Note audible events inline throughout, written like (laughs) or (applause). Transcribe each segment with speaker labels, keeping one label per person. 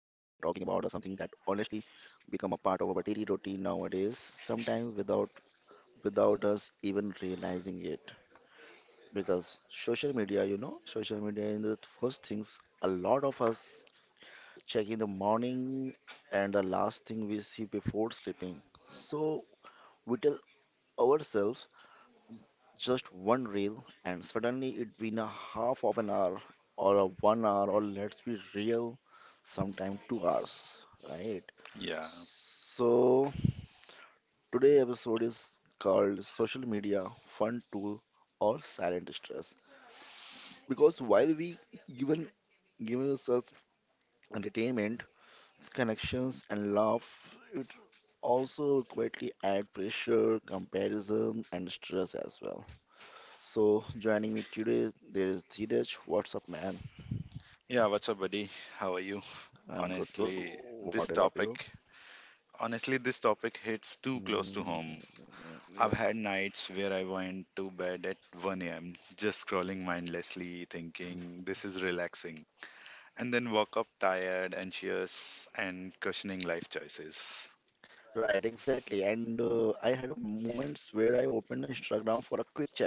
Speaker 1: that honestly become a part of our daily routine nowadays, sometimes without us even realizing it. Because social media, you know, social media is the first things a lot of us check in the morning and the last thing we see before sleeping. So we tell ourselves just one reel and suddenly it been a half of an hour or a 1 hour or let's be real sometime 2 hours, right?
Speaker 2: Yeah.
Speaker 1: So today episode is called social media fun tool or silent stress because while we given given us entertainment, connections and laugh, it also quietly add pressure, comparison and stress as well. So joining me today, there is Dheeraj. What's up, man?
Speaker 2: Yeah, what's up, buddy? How are you?
Speaker 1: I'm good, good.
Speaker 2: Honestly,
Speaker 1: What
Speaker 2: this
Speaker 1: about you?
Speaker 2: topic this topic hits too close to home.
Speaker 1: Mm, yeah.
Speaker 2: I've had nights where I went to bed at 1 a.m. just scrolling mindlessly, thinking this is relaxing, and then woke up tired, anxious, and questioning life choices.
Speaker 1: Right, exactly. And I had a moments where I opened Instagram for a quick check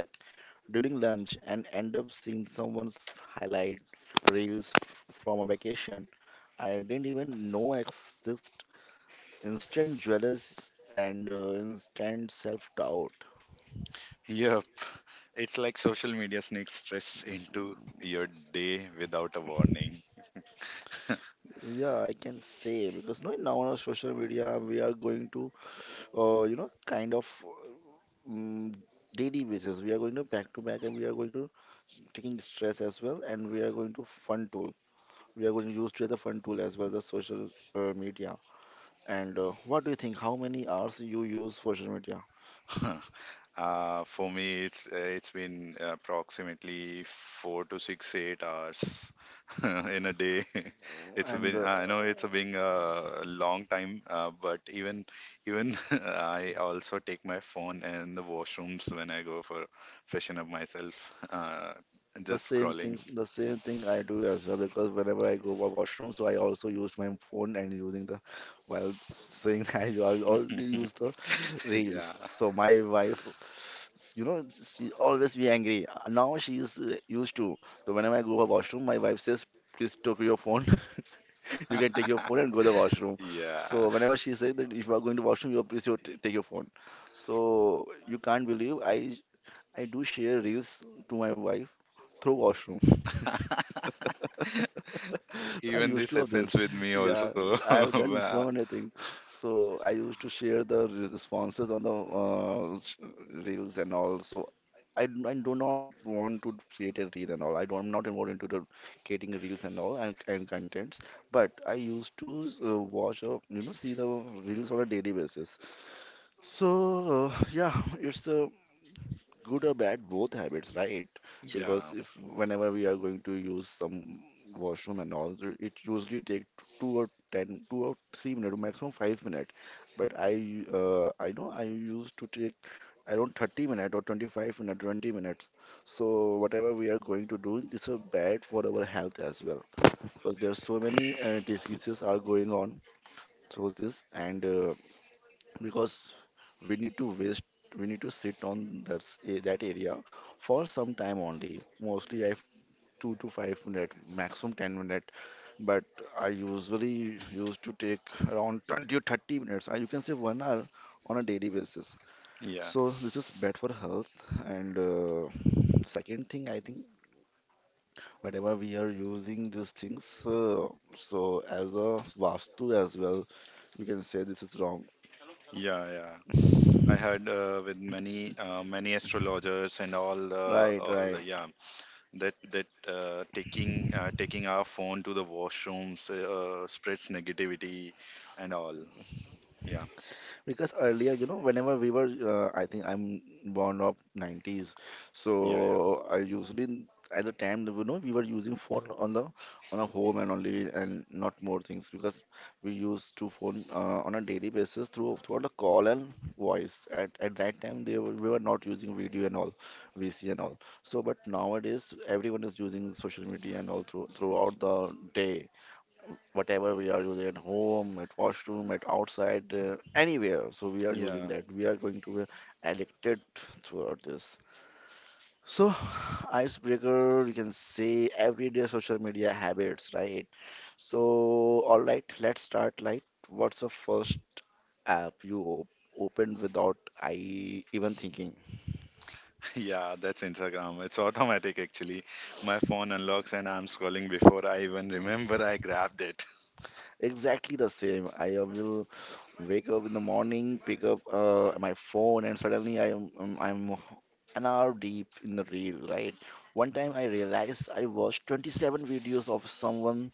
Speaker 1: during lunch and end up seeing someone's highlight reels from a vacation. I didn't even know exist. Instant jealous and instant self-doubt.
Speaker 2: Yep. It's like social media sneaks stress into your day without a warning.
Speaker 1: Yeah, I can say because no, now on our social media we are going to you know, kind of mm daily basis. We are going to back and we are going to taking stress as well and we are going to fun tool. We are going to use to the fun tool as well, the social media. And what do you think? How many hours you use social media?
Speaker 2: (laughs) For me, it's been approximately 4 to 6 8 hours (laughs) in a day. (laughs) It's
Speaker 1: And
Speaker 2: been I know it's been a long time, but even (laughs) I also take my phone and the washrooms when I go for freshen up myself. Just scrolling.
Speaker 1: The same thing I do as well because whenever I go for washroom, so I also use my phone and using the while saying (laughs) I already use the
Speaker 2: (laughs)
Speaker 1: reels.
Speaker 2: Yeah,
Speaker 1: So my wife, you know, she always be angry. Now she is used to. So whenever I go for washroom, my wife says, "Please take your phone. (laughs) You can take your phone and go to the washroom."
Speaker 2: yeah.
Speaker 1: So whenever she says that if you are going to washroom, you please you take your phone. So you can't believe I do share reels to my wife through washroom.
Speaker 2: (laughs)
Speaker 1: (laughs) I
Speaker 2: Even
Speaker 1: used
Speaker 2: this
Speaker 1: to have this.
Speaker 2: happens with me
Speaker 1: Yeah,
Speaker 2: also. (laughs)
Speaker 1: I have done
Speaker 2: Where-
Speaker 1: so many things. So I used to share the responses on the reels and all. So I do not want to create a reel and all. I don't, I'm not involved into the creating reels and all and contents. But I used to watch or you know see the reels on a daily basis. So yeah, it's a good or bad, both habits, right?
Speaker 2: yeah,
Speaker 1: Because if whenever we are going to use some washroom and all, so it usually take two or ten, 2 or 3 minutes, maximum 5 minutes. I know I used to take around 30 minutes or 25 minutes, 20 minutes. So whatever we are going to do, it's a bad for our health as well, because there are so many diseases are going on. So this and because we need to waste we need to sit on that that area for some time only. Mostly I have 2 to 5 minute, maximum 10 minute. But I usually used to take around 20 or 30 minutes, you can say 1 hour on a daily basis.
Speaker 2: yeah,
Speaker 1: So this is bad for health. And second thing I think whenever we are using these things, uh, so as a vastu as well, you can say this is wrong,
Speaker 2: yeah, yeah. I heard, with many astrologers, and
Speaker 1: right,
Speaker 2: all,
Speaker 1: right.
Speaker 2: yeah, that taking our phone to the washrooms, spreads negativity and all. Yeah,
Speaker 1: Because earlier, you know, whenever we were, I think I'm born of 90s,
Speaker 2: yeah, yeah,
Speaker 1: so I usually at the time, you know, we were using phone on the on a home and only and not more things because we used to phone on a daily basis through throughout the call and voice. At that time, they were, we were not using video and all, VC and all. So, but nowadays, everyone is using social media and all throughout the day whatever we are using at home, at washroom, at outside, anywhere. So we are using
Speaker 2: yeah.
Speaker 1: that. We are going to be addicted throughout this. So, (sighs) icebreaker, you can say everyday social media habits, right? So, all right, let's start. Like, what's the first app you op opened without I even thinking?
Speaker 2: (laughs) Yeah, that's Instagram, it's automatic actually. My phone unlocks and I'm scrolling before I even remember I grabbed it.
Speaker 1: Exactly the same. I will. Wake up in the morning, pick up my phone, and suddenly I'm an hour deep in the reel, right? One time I realized I watched 27 videos of someone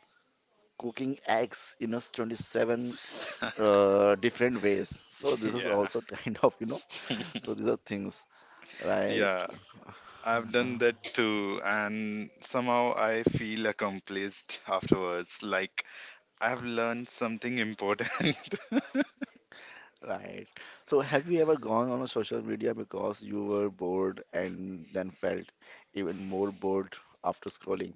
Speaker 1: cooking eggs in a 27
Speaker 2: (laughs)
Speaker 1: different ways. So this is
Speaker 2: Yeah.
Speaker 1: also (laughs) kind of, you know, so
Speaker 2: (laughs)
Speaker 1: these are things, right?
Speaker 2: Yeah, I've done
Speaker 1: (sighs)
Speaker 2: that too, and somehow I feel accomplished afterwards, like I've learned something important. (laughs)
Speaker 1: Right. So have you ever gone on a social media because you were bored and then felt even more bored after scrolling?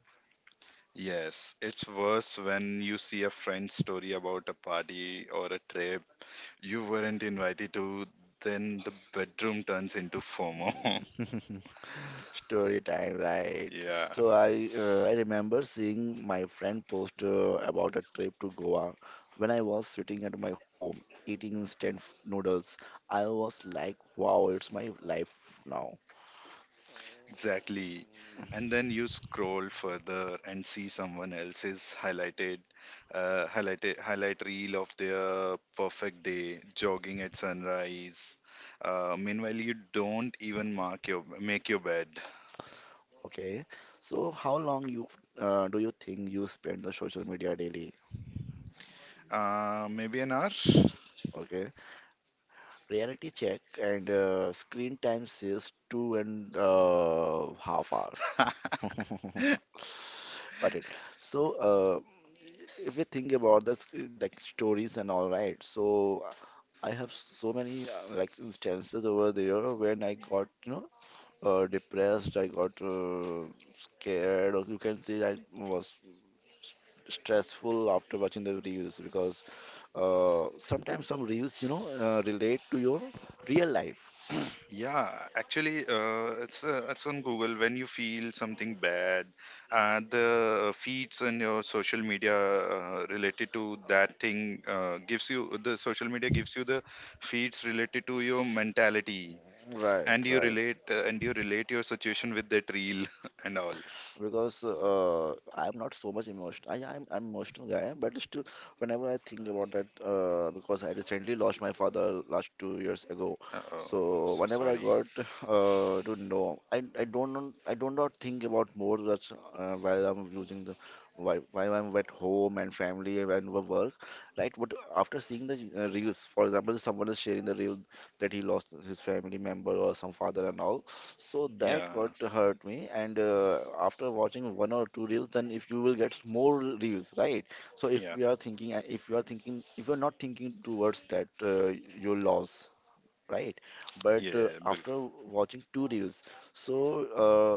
Speaker 2: Yes, it's worse when you see a friend's story about a party or a trip you weren't invited to, then the bedroom turns into FOMO. (laughs)
Speaker 1: (laughs) Story time, right?
Speaker 2: Yeah,
Speaker 1: So I remember seeing my friend post about a trip to Goa when I was sitting at my home eating instant noodles. I was like, wow, it's my life now.
Speaker 2: exactly. And then you scroll further and see someone else's highlight reel of their perfect day, jogging at sunrise. Meanwhile, you don't even mark your make your bed.
Speaker 1: Okay. So how long you do you think you spend the social media daily?
Speaker 2: Maybe an hour.
Speaker 1: Okay. Reality check and screen time says two and half hour.
Speaker 2: (laughs)
Speaker 1: (laughs) Got it. So, if we think about this like stories and all, right? So uh, I have so many like instances over there when I got you know depressed, I got scared or you can say i was s- stressful after watching the reels because sometimes some reels you know relate to your real life,
Speaker 2: Yeah, actually, it's on Google. When you feel something bad, the feeds and your social media, related to that thing, gives you the feeds related to your mentality,
Speaker 1: right,
Speaker 2: and you
Speaker 1: right.
Speaker 2: relate uh, and you relate your situation with that reel (laughs) and all.
Speaker 1: Because I'm not so much emotional. I'm emotional guy, but still, whenever I think about that, because I recently lost my father last 2 years ago,
Speaker 2: Uh-oh,
Speaker 1: so
Speaker 2: so
Speaker 1: whenever I
Speaker 2: sorry.
Speaker 1: got to know, I don't know- I do not think about more much while I'm using the while I'm at home and family and work, right? But after seeing the reels, for example, someone is sharing the reel that he lost his family member or some father and all, so that got
Speaker 2: Yeah,
Speaker 1: to hurt me, and after watching one or two reels, then if you will get more reels, right? So if
Speaker 2: yeah,
Speaker 1: you are thinking, if you are not thinking towards that, your loss, right? But
Speaker 2: yeah,
Speaker 1: after watching two reels, so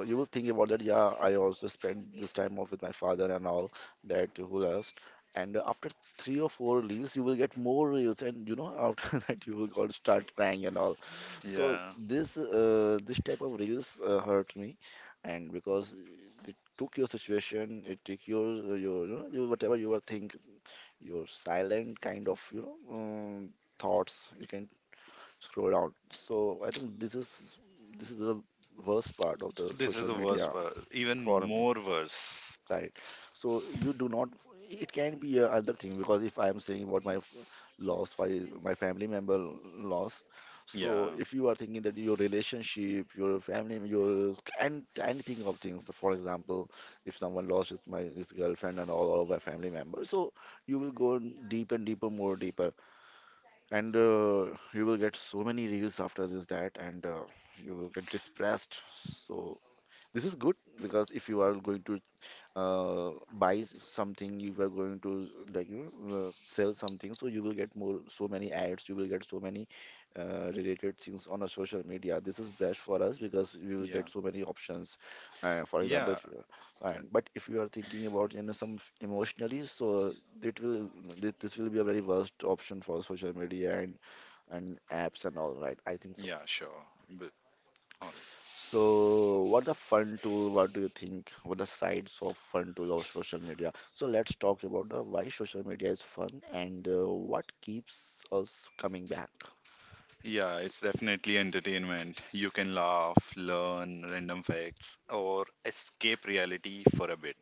Speaker 1: you will think about that. Yeah, I also spent this time off with my father and all that who lost. And after three or four reels, you will get more reels, and you know after (laughs) that you will go start crying and all. So
Speaker 2: yeah.
Speaker 1: this type of reels hurt me, and because it took your situation, it took your you know your whatever you were thinking your silent kind of you know thoughts you can scroll down. So I think this is the worst part of the
Speaker 2: This is
Speaker 1: social
Speaker 2: the worst
Speaker 1: media
Speaker 2: part, even
Speaker 1: for me,
Speaker 2: more worse.
Speaker 1: right? So you do not. It can be a other thing because if I am saying what loss, my family member loss. So
Speaker 2: Yeah.
Speaker 1: if you are thinking that your relationship, your family, your and anything of things. For example, if someone lost his girlfriend and all of my family members, so you will go deep and deeper, more deeper. And you will get so many reels after this, that, and you will get depressed. So this is good because if you are going to something, you are going to like you know sell something, so you will get more, so many ads, you will get so many related things on a social media. This is best for us because we will
Speaker 2: Yeah,
Speaker 1: get so many options. For example,
Speaker 2: yeah,
Speaker 1: if you, and but if you are thinking about you know some emotionally, so it will this will be a very worst option for social media, and apps and all, right? I think so.
Speaker 2: yeah, sure. But, uh,
Speaker 1: So, what the fun tool? What do you think? What the sides of fun tool of social media? So let's talk about the why social media is fun and what keeps us coming back.
Speaker 2: yeah, it's definitely entertainment. You can laugh, learn random facts, or escape reality for a bit.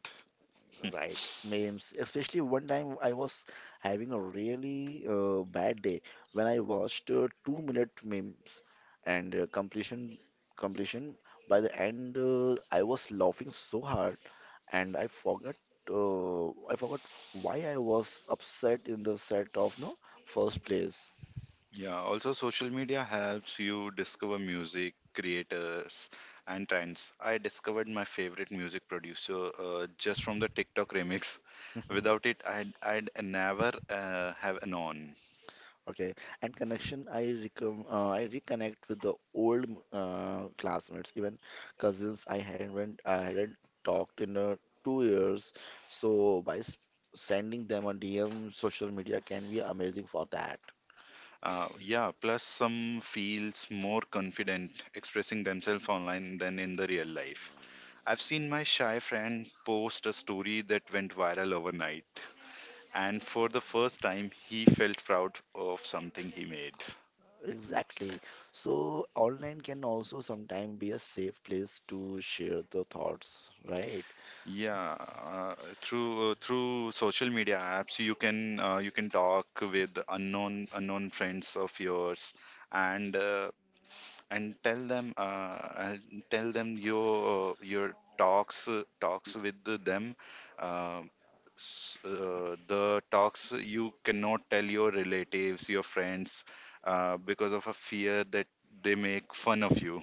Speaker 1: Right, memes. Especially one time I was having a really bad day when I watched 2 minute memes and completion by the end, I was laughing so hard and I forgot why I was upset in the set of no first place.
Speaker 2: Yeah, also, social media helps you discover music creators and trends. I discovered my favorite music producer just from the TikTok remix. Without
Speaker 1: (laughs)
Speaker 2: it, I'd never have known.
Speaker 1: Okay, and connection, I reconnect with the old classmates, even cousins I hadn't talked in 2 years. So by s sending them a DM, social media can be amazing for that.
Speaker 2: Yeah, plus some feels more confident expressing themselves online than in the real life. I've seen my shy friend post a story that went viral overnight, and for the first time, he felt proud of something he made.
Speaker 1: Exactly. So online can also sometimes be a safe place to share the thoughts, right?
Speaker 2: Yeah, through social media apps, you can talk with unknown friends of yours, and uh, and tell them your talks with them, uh, the talks you cannot tell your relatives, your friends, because of a fear that they make fun of you.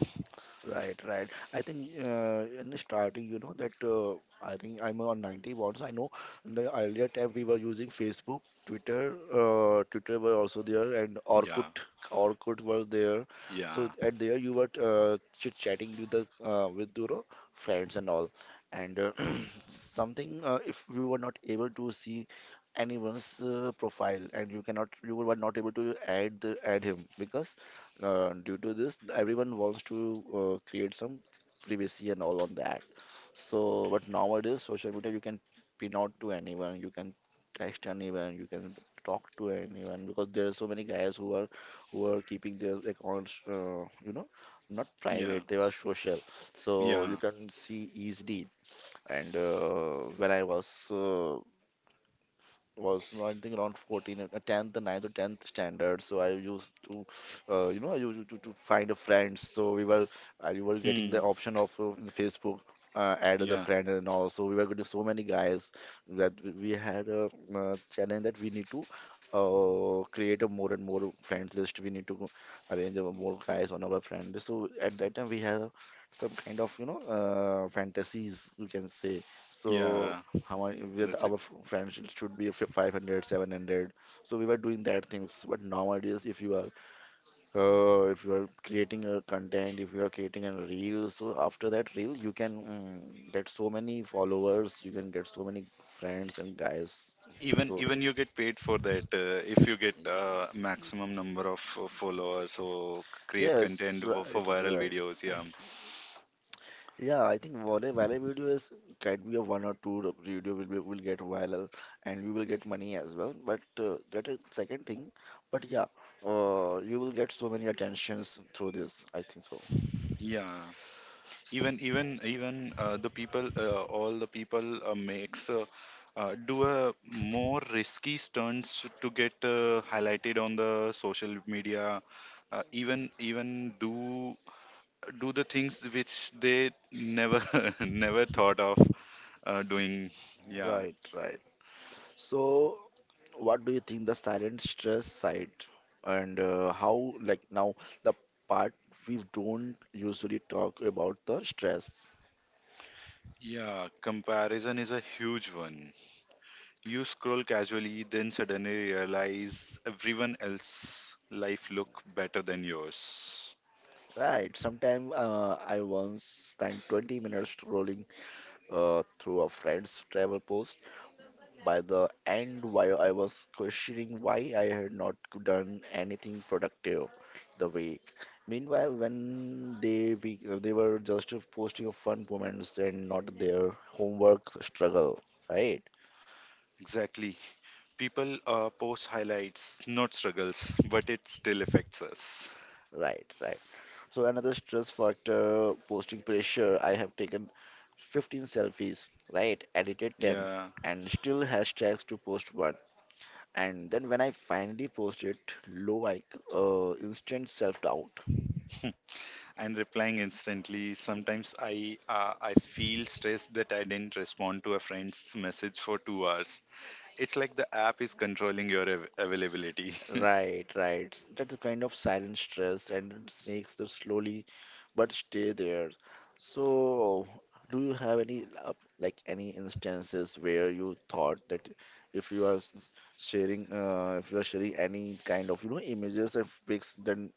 Speaker 1: Right, right. I think in the starting, you know that I think I'm on 91, so I know the earlier time we were using Facebook, Twitter, Twitter were also there, and
Speaker 2: Yeah,
Speaker 1: Orkut, Orkut was there. So
Speaker 2: yeah,
Speaker 1: at there you were chit-chatting with the with your friends and all, and something if you were not able to see anyone's profile and you were not able to add add him because due to this everyone wants to create some privacy and all on that. So but nowadays social media you can pin out to anyone, you can text anyone, you can talk to anyone because there are so many guys who are keeping their accounts, not
Speaker 2: yeah,
Speaker 1: private, they are social. So
Speaker 2: yeah.
Speaker 1: you can see easily. And when I was no, I think around 14, 10th, ninth or 10th standard. So I used to, I used to find a friend. So we were, I we were getting the
Speaker 2: Hmm.
Speaker 1: option of in Facebook add as a
Speaker 2: Yeah,
Speaker 1: friend and all. So we were getting so many guys that we had a challenge that we need to create a more and more friends list. We need to arrange a more guys on our friend list. So at that time we have some kind of, fantasies, you can say. So
Speaker 2: yeah.
Speaker 1: how much with
Speaker 2: That's
Speaker 1: our
Speaker 2: exactly.
Speaker 1: friends it should be fi- 500 700. So we were doing that things, but nowadays if you are creating a content, if you are creating a reel, so after that reel you can get so many followers, you can get so many friends and guys.
Speaker 2: even
Speaker 1: So
Speaker 2: even you get paid for that, if you get maximum number of followers or create
Speaker 1: yes,
Speaker 2: content, for
Speaker 1: right,
Speaker 2: viral
Speaker 1: right.
Speaker 2: videos. Yeah.
Speaker 1: Yeah, I think what a viral video is, can be a one or two video will be will get viral and you will get money as well. But that is second thing. But yeah, you will get so many attentions through this, I think so.
Speaker 2: Yeah, even
Speaker 1: S-
Speaker 2: even even all the people, makes do a more risky stunts to get highlighted on the social media. Even do the things which they never (laughs) never thought of doing. Yeah,
Speaker 1: Right, right. So, what do you think the silent stress side, and how, like, now the part we don't usually talk about the stress.
Speaker 2: yeah. Comparison is a huge one. You scroll casually, then suddenly realize everyone else' life look better than yours.
Speaker 1: Right. Sometime I once spent 20 minutes scrolling through a friend's travel post. By the end, while I was questioning why I had not done anything productive the week. Meanwhile, when they were just posting of fun moments and not their homework struggle, right?
Speaker 2: Exactly. People, post highlights, not struggles, (laughs) but it still affects us.
Speaker 1: Right, right. So another stress factor, posting pressure. I have taken 15 selfies, right? Edited 10
Speaker 2: Yeah.
Speaker 1: and still hashtags to post one. And then when I finally post it, low like, instant self-doubt.
Speaker 2: (laughs) And replying instantly. Sometimes I feel stressed that I didn't respond to a friend's message for 2 hours. It's like the app is controlling your availability. (laughs)
Speaker 1: Right, right. That's a kind of silent stress and it snakes that slowly but stay there. So, do you have any like any instances where you thought that if you are s- sharing if you are sharing any kind of, you know, images and pics, then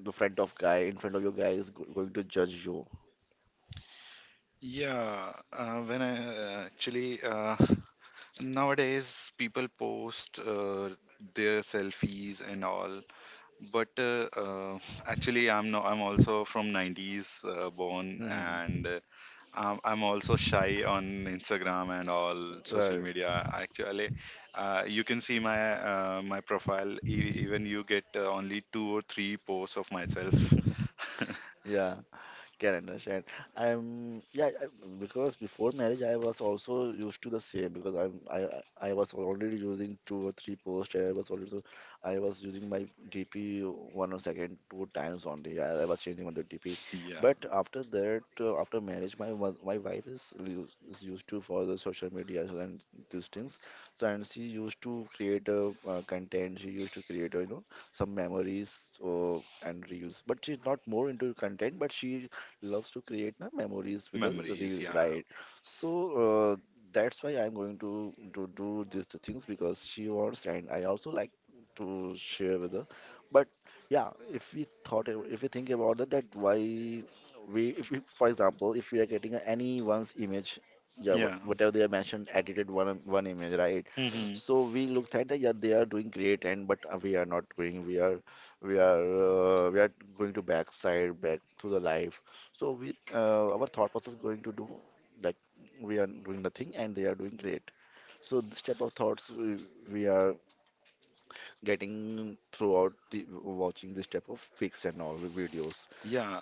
Speaker 1: the friend of guy in front of your guy is go going to judge you.
Speaker 2: Yeah. When I Actually, nowadays people post their selfies and all, but actually, I'm no I'm also from 90s, born, and
Speaker 1: (laughs)
Speaker 2: I'm also shy on Instagram and all social
Speaker 1: Right.
Speaker 2: media actually. You can see my profile, even you get only two or three posts of myself.
Speaker 1: Yeah. Can understand. I'm yeah I, because before marriage I was also used to the same because I'm I was already using 2 or 3 posts and I was also I was using my DP one or second 2 times only. I was changing on the DP,
Speaker 2: (laughs) Yeah.
Speaker 1: but after that after marriage my wife is used to for the social media and these things. So and she used to create a content. She used to create, some memories or and reels, but she's not more into content, but she loves to create na, memories with the
Speaker 2: Memories.
Speaker 1: reels,
Speaker 2: Yeah,
Speaker 1: right? So uh, that's why I'm going to do these two things because she wants, and I also like to share with her. But yeah, if we thought, if we think about that, that why we, if we, for example, if we are getting anyone's image, yeah, what,
Speaker 2: yeah.
Speaker 1: whatever they have mentioned, edited one one image, right?
Speaker 2: Hmm.
Speaker 1: So we looked at that, yeah, they are doing great, and but we are not going. We are going to backside back to the life. So we, our thought process going to do like, we are doing nothing and they are doing great. So this type of thoughts we are getting throughout the watching this type of pics and all the videos.
Speaker 2: Yeah.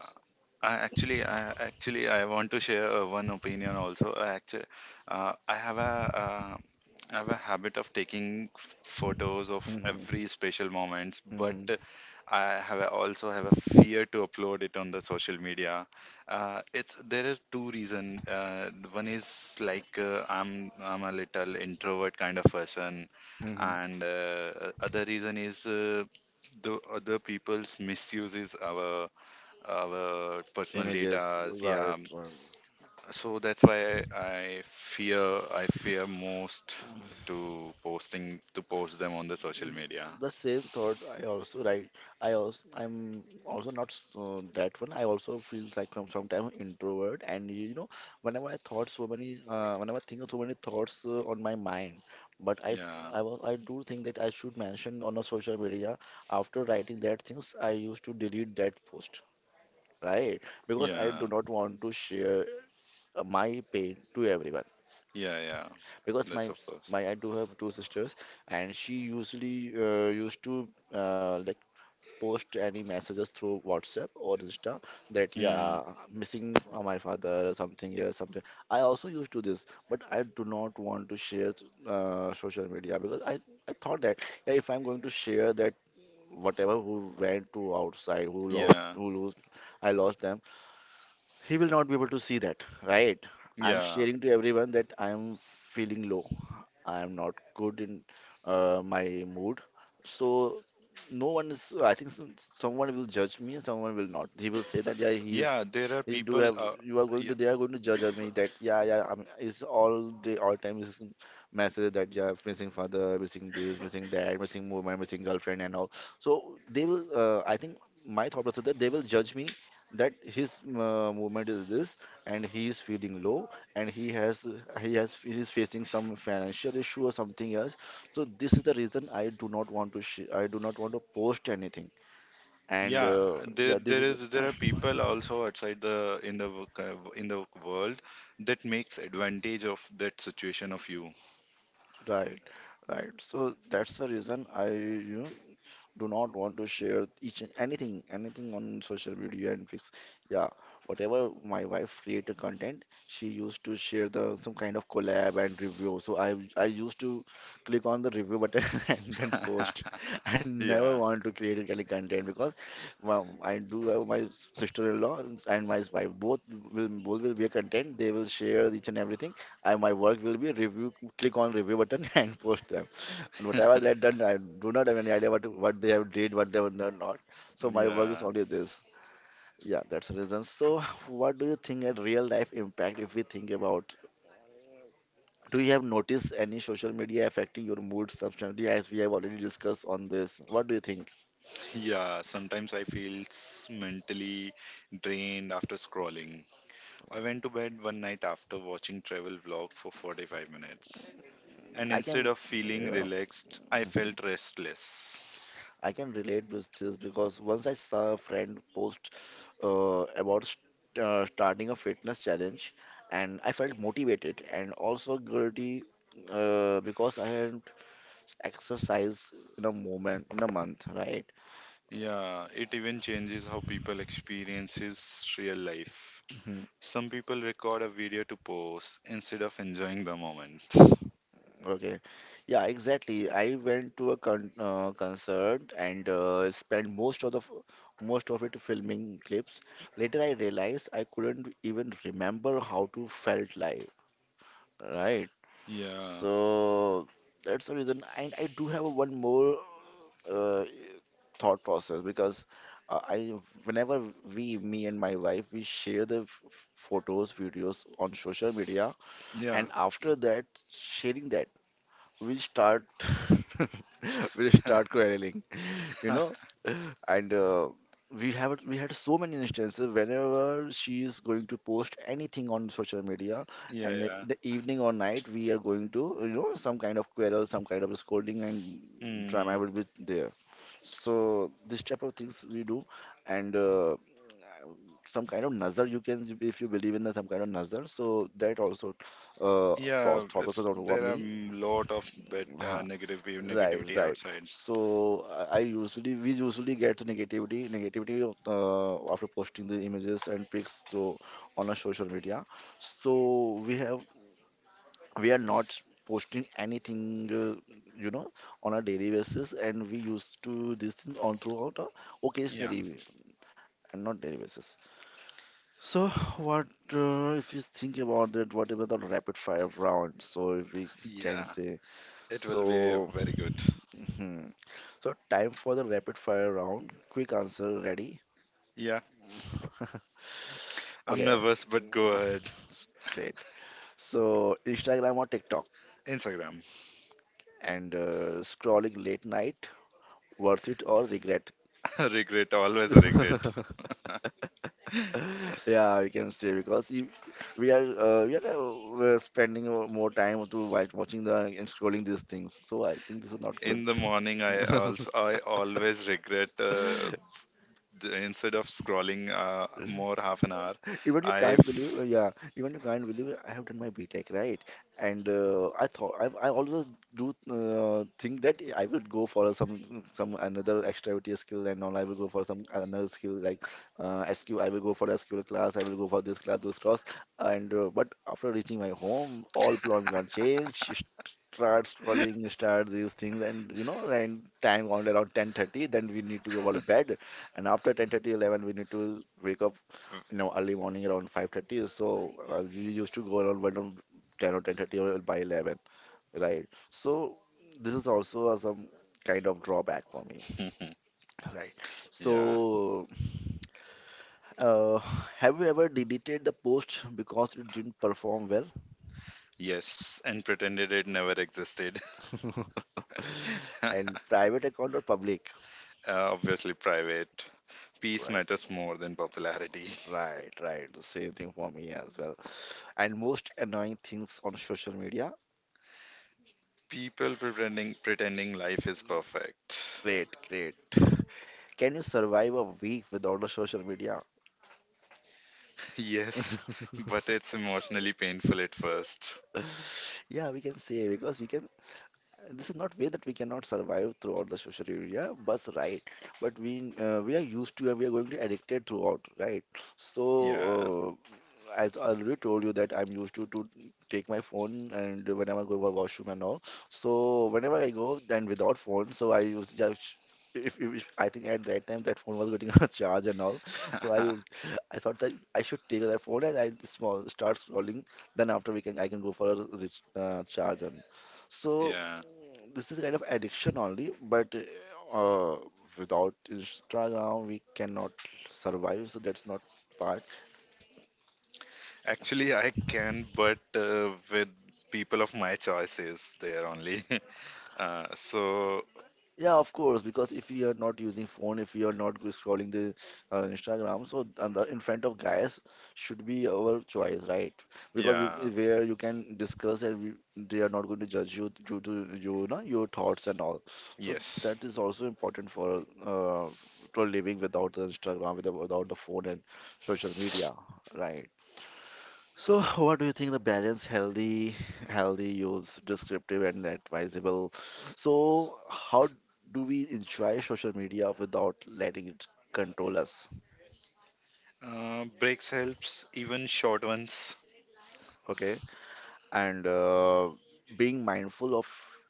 Speaker 2: I want to share one opinion also. I actually, uh, I have a, uh, I have a habit of taking photos of
Speaker 1: hmm
Speaker 2: every special moments, but
Speaker 1: hmm
Speaker 2: also have a fear to upload it on the social media. It's There are two reasons. One is, like, I'm a little introvert kind of person,
Speaker 1: hmm
Speaker 2: and other reason is the other people's misuses our personal
Speaker 1: Images,
Speaker 2: data.
Speaker 1: right?
Speaker 2: Yeah,
Speaker 1: Right.
Speaker 2: so that's why I fear most, to post them on the social
Speaker 1: Mm,
Speaker 2: media.
Speaker 1: The same thought I also, right, I also I'm also not so that one. I also feel like I'm sometimes introvert and, you know, whenever I thought so many whenever I think of so many thoughts on my mind. But
Speaker 2: Yeah,
Speaker 1: I do think that I should mention on a social media. After writing that things I used to delete that post, right? Because I
Speaker 2: yeah,
Speaker 1: do not want to share my pain to everyone.
Speaker 2: yeah, yeah.
Speaker 1: Because
Speaker 2: That's of course.
Speaker 1: my, I do have 2 sisters and she usually used to like post any messages through WhatsApp or Insta, that
Speaker 2: Mm.
Speaker 1: yeah, missing my father, something here, something. I also used to this, but I do not want to share social media because I thought that yeah, if I'm going to share that, whatever who went to outside, who lost,
Speaker 2: Yeah,
Speaker 1: who lose, I lost them, he will not be able to see that, right? I'm
Speaker 2: yeah,
Speaker 1: sharing to everyone that I am feeling low, I am not good in my mood. So no one is. I think some, someone will judge me, and someone will not. He will say that yeah, he is.
Speaker 2: yeah. There are
Speaker 1: He do
Speaker 2: people,
Speaker 1: have. You are going
Speaker 2: yeah,
Speaker 1: to. They are going to judge of me that yeah, yeah. I'm, it's all day, all time is message that yeah, missing father, missing this, missing that, missing movement, missing girlfriend, and all. So they will. I think my thought process that they will judge me, that his movement is this, and he is feeling low, and he is facing some financial issue or something else. So this is the reason I do not want to post anything. And
Speaker 2: yeah. there
Speaker 1: yeah, this
Speaker 2: there
Speaker 1: is the
Speaker 2: is there are
Speaker 1: (coughs)
Speaker 2: people also outside, the in the wo- in the world, that makes advantage of that situation of you.
Speaker 1: (clears throat) right, right. So that's the reason, I, you know, do not want to share each and anything, on social media and fix. Yeah, whatever my wife created content, she used to share the some kind of collab and review. So I used to click on the review button (laughs) and then post. I
Speaker 2: (laughs)
Speaker 1: never
Speaker 2: Yeah.
Speaker 1: want to create any content because well, I do have my sister-in-law and my wife. Both will be a content. They will share each and everything. I, my work will be review. Click on review button (laughs) and post them. And whatever
Speaker 2: (laughs)
Speaker 1: they had done, I do not have any idea what they have did, what they have done not. So my work is
Speaker 2: Yeah.
Speaker 1: only this. Yeah, that's the reason. So what do you think at real life impact if we think about? Do you have noticed any social media affecting your mood substantially as we have already discussed on this? What do you think?
Speaker 2: Yeah, sometimes I feel mentally drained after scrolling. I went to bed one night after watching travel vlog for 45 minutes. And
Speaker 1: I
Speaker 2: instead
Speaker 1: can,
Speaker 2: of feeling
Speaker 1: yeah.
Speaker 2: relaxed, I felt restless.
Speaker 1: I can relate with this because once I saw a friend post starting a fitness challenge, and I felt motivated and also guilty because I hadn't exercised in a month, right?
Speaker 2: Yeah, it even changes how people experiences real life.
Speaker 1: Mhm.
Speaker 2: Some people record a video to post instead of enjoying the moment.
Speaker 1: Okay. Yeah, exactly. I went to a concert and spent most of it filming clips. Later, I realized I couldn't even remember how to felt like, right?
Speaker 2: Yeah.
Speaker 1: So that's the reason. And I do have one more uh, thought process because uh, I, whenever me and my wife, we share photos, videos on social media,
Speaker 2: Yeah.
Speaker 1: and after that, sharing that we start (laughs) we start
Speaker 2: (laughs)
Speaker 1: quarreling, you know. And we had so many instances, whenever she is going to post anything on social media
Speaker 2: Yeah,
Speaker 1: and
Speaker 2: yeah.
Speaker 1: in the evening or night, we are going to, you know, some kind of quarrel, some kind of scolding and
Speaker 2: Hmm.
Speaker 1: drama will be there. So this type of things we do. And some kind of nazar, you can, if you believe in the some kind of nazar, so that also uh,
Speaker 2: Yeah,
Speaker 1: thought process
Speaker 2: it's
Speaker 1: out over
Speaker 2: there are,
Speaker 1: me,
Speaker 2: lot of bad,
Speaker 1: huh?
Speaker 2: negative
Speaker 1: Right,
Speaker 2: negativity
Speaker 1: right.
Speaker 2: outside.
Speaker 1: So I usually we usually get the negativity of, after posting the images and pics through on our social media. So we have, we are not posting anything, on a daily basis, and we used to this thing on throughout a
Speaker 2: Yeah,
Speaker 1: occasionally, and not daily basis. So what, if you think about that? What about the rapid fire round? So if we can
Speaker 2: yeah,
Speaker 1: say
Speaker 2: it will be
Speaker 1: so,
Speaker 2: very good.
Speaker 1: hmm. So time for the rapid fire round. Quick answer, ready?
Speaker 2: Yeah,
Speaker 1: (laughs)
Speaker 2: I'm
Speaker 1: Okay,
Speaker 2: nervous, but go ahead.
Speaker 1: s- great. So, Instagram or TikTok?
Speaker 2: Instagram.
Speaker 1: And Scrolling late night, worth it or regret?
Speaker 2: (laughs) Regret, always a regret.
Speaker 1: (laughs)
Speaker 2: (laughs)
Speaker 1: Yeah, we can say because we're spending more time to while watching the and scrolling these things. So I think this is not good.
Speaker 2: In the morning,
Speaker 1: (laughs)
Speaker 2: I always regret. Instead of scrolling more, half an hour,
Speaker 1: Even you can't
Speaker 2: I've
Speaker 1: believe, yeah, even you can't believe I have done my BTech, right? And I thought I always do think that I will go for some another extraverted skill and all. I will go for some another skill like SQ. I will go for SQL class. I will go for this class, those class. And but after reaching my home, all plan gone change. Start scrolling, start these things, and you know, and time on around 10:30. Then we need to go to bed and after 10:30, 11 we need to wake up, you know, early morning around 5:30. So we used to go around 1 on 10 or 10:30 or by 11, right? So this is also a some kind of drawback for me,
Speaker 2: (laughs)
Speaker 1: right?
Speaker 2: yeah,
Speaker 1: So uh, have you ever deleted the post because it didn't perform well?
Speaker 2: yes, and pretended it never existed. (laughs) uh,
Speaker 1: And private account or public?
Speaker 2: Obviously, private. Peace matters
Speaker 1: right
Speaker 2: more than popularity.
Speaker 1: right, the same thing for me as well. And most annoying things on social media?
Speaker 2: People Pretending life is perfect. (laughs)
Speaker 1: Great, great. Can you survive a week without the social media?
Speaker 2: Yes, but it's emotionally painful at first.
Speaker 1: Yeah, we can say because we can. This is not way that we cannot survive throughout the social media, but right. But we are used to and we are going to addicted throughout, right? So
Speaker 2: Yeah.
Speaker 1: uh, as I already told you that I'm used to take my phone and whenever I go to washroom and all. So whenever I go then without phone, so I use just if I think at that time that phone was getting (laughs) a charge and all, so I used
Speaker 2: (laughs)
Speaker 1: I thought that I should take that phone and I small start scrolling. Then after we can I can go for a rich, charge and so
Speaker 2: Yeah.
Speaker 1: mm, this is kind of addiction only, but. Uh, Without Instagram, we cannot survive, so that's not part.
Speaker 2: Actually, I can, but, with people of my choices there only. (laughs) So,
Speaker 1: Yeah, of course, because if you are not using phone, if you are not scrolling the Instagram, so and the in front of guys should be our choice, right? Because
Speaker 2: Yeah.
Speaker 1: where you can discuss and we, they are not going to judge you due to you know your thoughts and all. So
Speaker 2: Yes.
Speaker 1: that is also important for living without the Instagram, without the phone and social media, right? So, (laughs) what do you think the balance healthy use, descriptive and advisable? So, how do we enjoy social media without letting it control us?
Speaker 2: Breaks helps, even short ones.
Speaker 1: Okay, and being mindful of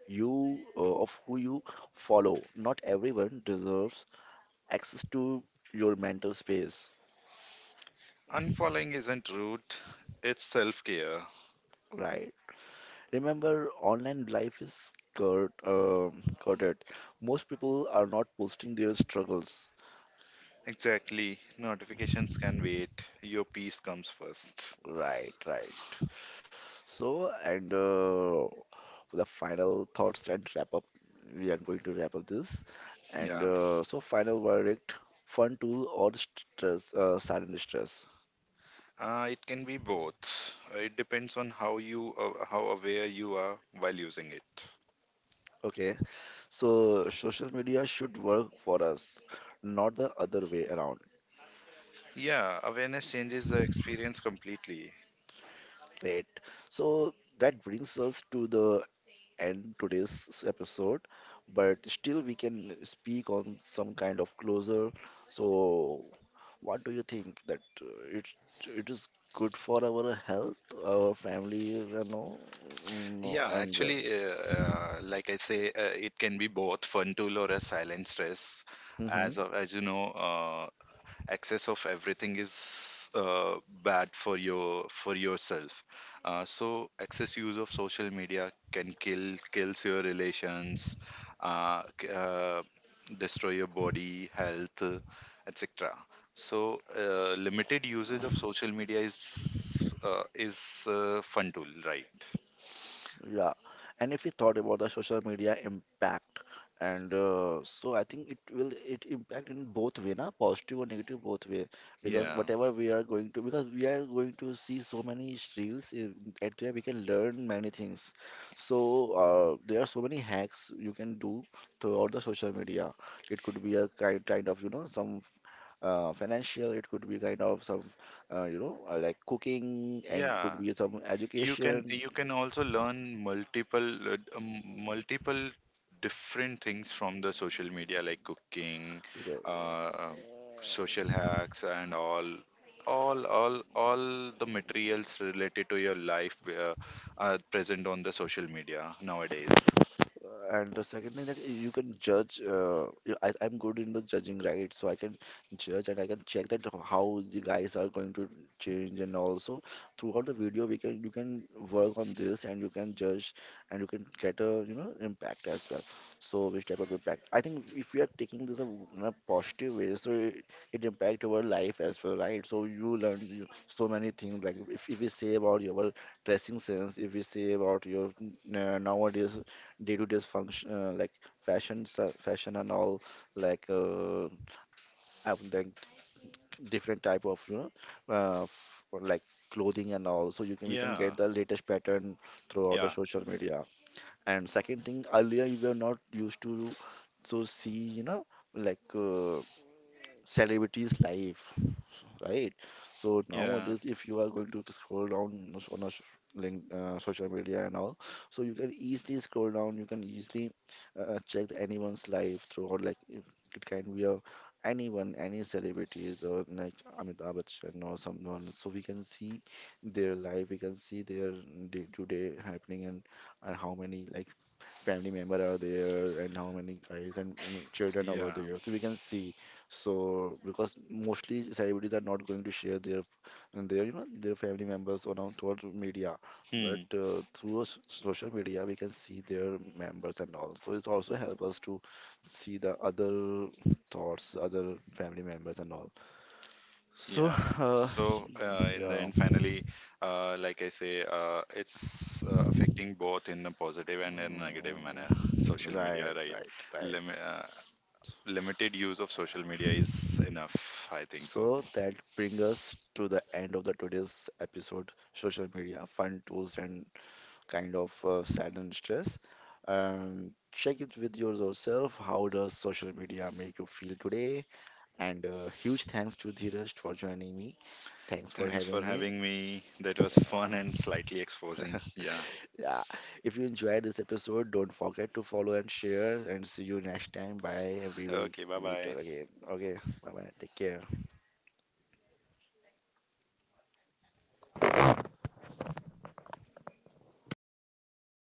Speaker 1: of who you follow. Not everyone deserves access to your mental space,
Speaker 2: Unfollowing isn't rude, it's self care.
Speaker 1: right? Remember, online life is curated. Most people are not posting their struggles.
Speaker 2: Exactly. Notifications can wait. Your peace comes first.
Speaker 1: Right, right. So, and the final thoughts and wrap up. We are going to wrap up this. And
Speaker 2: Yeah.
Speaker 1: so, final verdict: fun tool or sudden stress.
Speaker 2: It can be both. It depends on how aware you are while using it.
Speaker 1: Okay. So, social media should work for us, not the other way around.
Speaker 2: Yeah, awareness changes the experience completely.
Speaker 1: Right. So that brings us to the end today's episode, but still we can speak on some kind of closure. So, what do you think that it it is good for our health, our family, you know, mm,
Speaker 2: Yeah,
Speaker 1: and
Speaker 2: actually, like I say, it can be both fun tool or a silent stress.
Speaker 1: that?
Speaker 2: As you know, excess of everything is bad for yourself, so excess use of social media can kills your relations, uh, c- uh, destroy your body health, etc. So limited usage of social media is fun tool, right?
Speaker 1: Yeah, and if you thought about the social media impact, and so I think it will it impact in both way, na positive or negative both way, because
Speaker 2: Yeah.
Speaker 1: whatever we are going to, because we are going to see so many reels in, at where we can learn many things. So there are so many hacks you can do throughout the social media. It could be a kind of you know some financial, it could be kind of some you know like cooking, and it
Speaker 2: Yeah.
Speaker 1: could be some
Speaker 2: you can
Speaker 1: education.
Speaker 2: you can also learn multiple different things from the social media, like cooking, uh, um, social hacks and All the materials related to your life are present on the social media nowadays.
Speaker 1: And the second thing that you can judge, I'm good in the judging, right? So I can judge and I can check that how the guys are going to change, and also throughout the video we can you can work on this and you can judge and you can get a you know impact as well. So which type of impact? I think if we are taking this a, in a positive way, so it impact our life as well, right? So you learn you, so many things. Like if we say about your dressing sense, if we say about your nowadays day to day function like fashion and all like I would like different type of you know or like clothing and all so you can we can
Speaker 2: Yeah,
Speaker 1: get the latest pattern throughout the
Speaker 2: yeah,
Speaker 1: social media. And second thing earlier we were not used to so see you know like celebrities life, right? So
Speaker 2: yeah,
Speaker 1: nowadays, if you are going to scroll down on a link, social media and all, so you can easily scroll down. You can easily check anyone's life through, or like if it can be a anyone, any celebrities, or like Amitabh Bachchan or someone. So we can see their life. We can see their day-to-day happening and how many like family member are there and how many guys and mm, children over
Speaker 2: yeah.
Speaker 1: there so we can see. So because mostly celebrities are not going to share their you know their family members on our towards media, but
Speaker 2: Hmm.
Speaker 1: through social media we can see their members and all. So it's also help us to see the other thoughts, other family members and all. So (laughs)
Speaker 2: Yeah.
Speaker 1: uh,
Speaker 2: So, in the
Speaker 1: yeah.
Speaker 2: end, finally, like I say, it's affecting both in a positive and a negative
Speaker 1: Um,
Speaker 2: manner. (laughs) Social
Speaker 1: right,
Speaker 2: media, right?
Speaker 1: right, right.
Speaker 2: Lim uh, Limited use of social media is enough, I think so.
Speaker 1: So that brings us to the end of the today's episode, social media, fun tools and kind of sad and stress. Check it with yourself. How does social media make you feel today? And huge thanks to Dheeraj for joining me. Thanks for
Speaker 2: Thanks for
Speaker 1: having me.
Speaker 2: having me. That was fun and
Speaker 1: Yeah.
Speaker 2: slightly exposing. Yeah.
Speaker 1: (laughs) Yeah. If you enjoyed this episode, don't forget to follow and share. And see you next time. Bye. We will
Speaker 2: Okay, bye
Speaker 1: meet
Speaker 2: bye.
Speaker 1: again. Okay. Bye bye. Take care.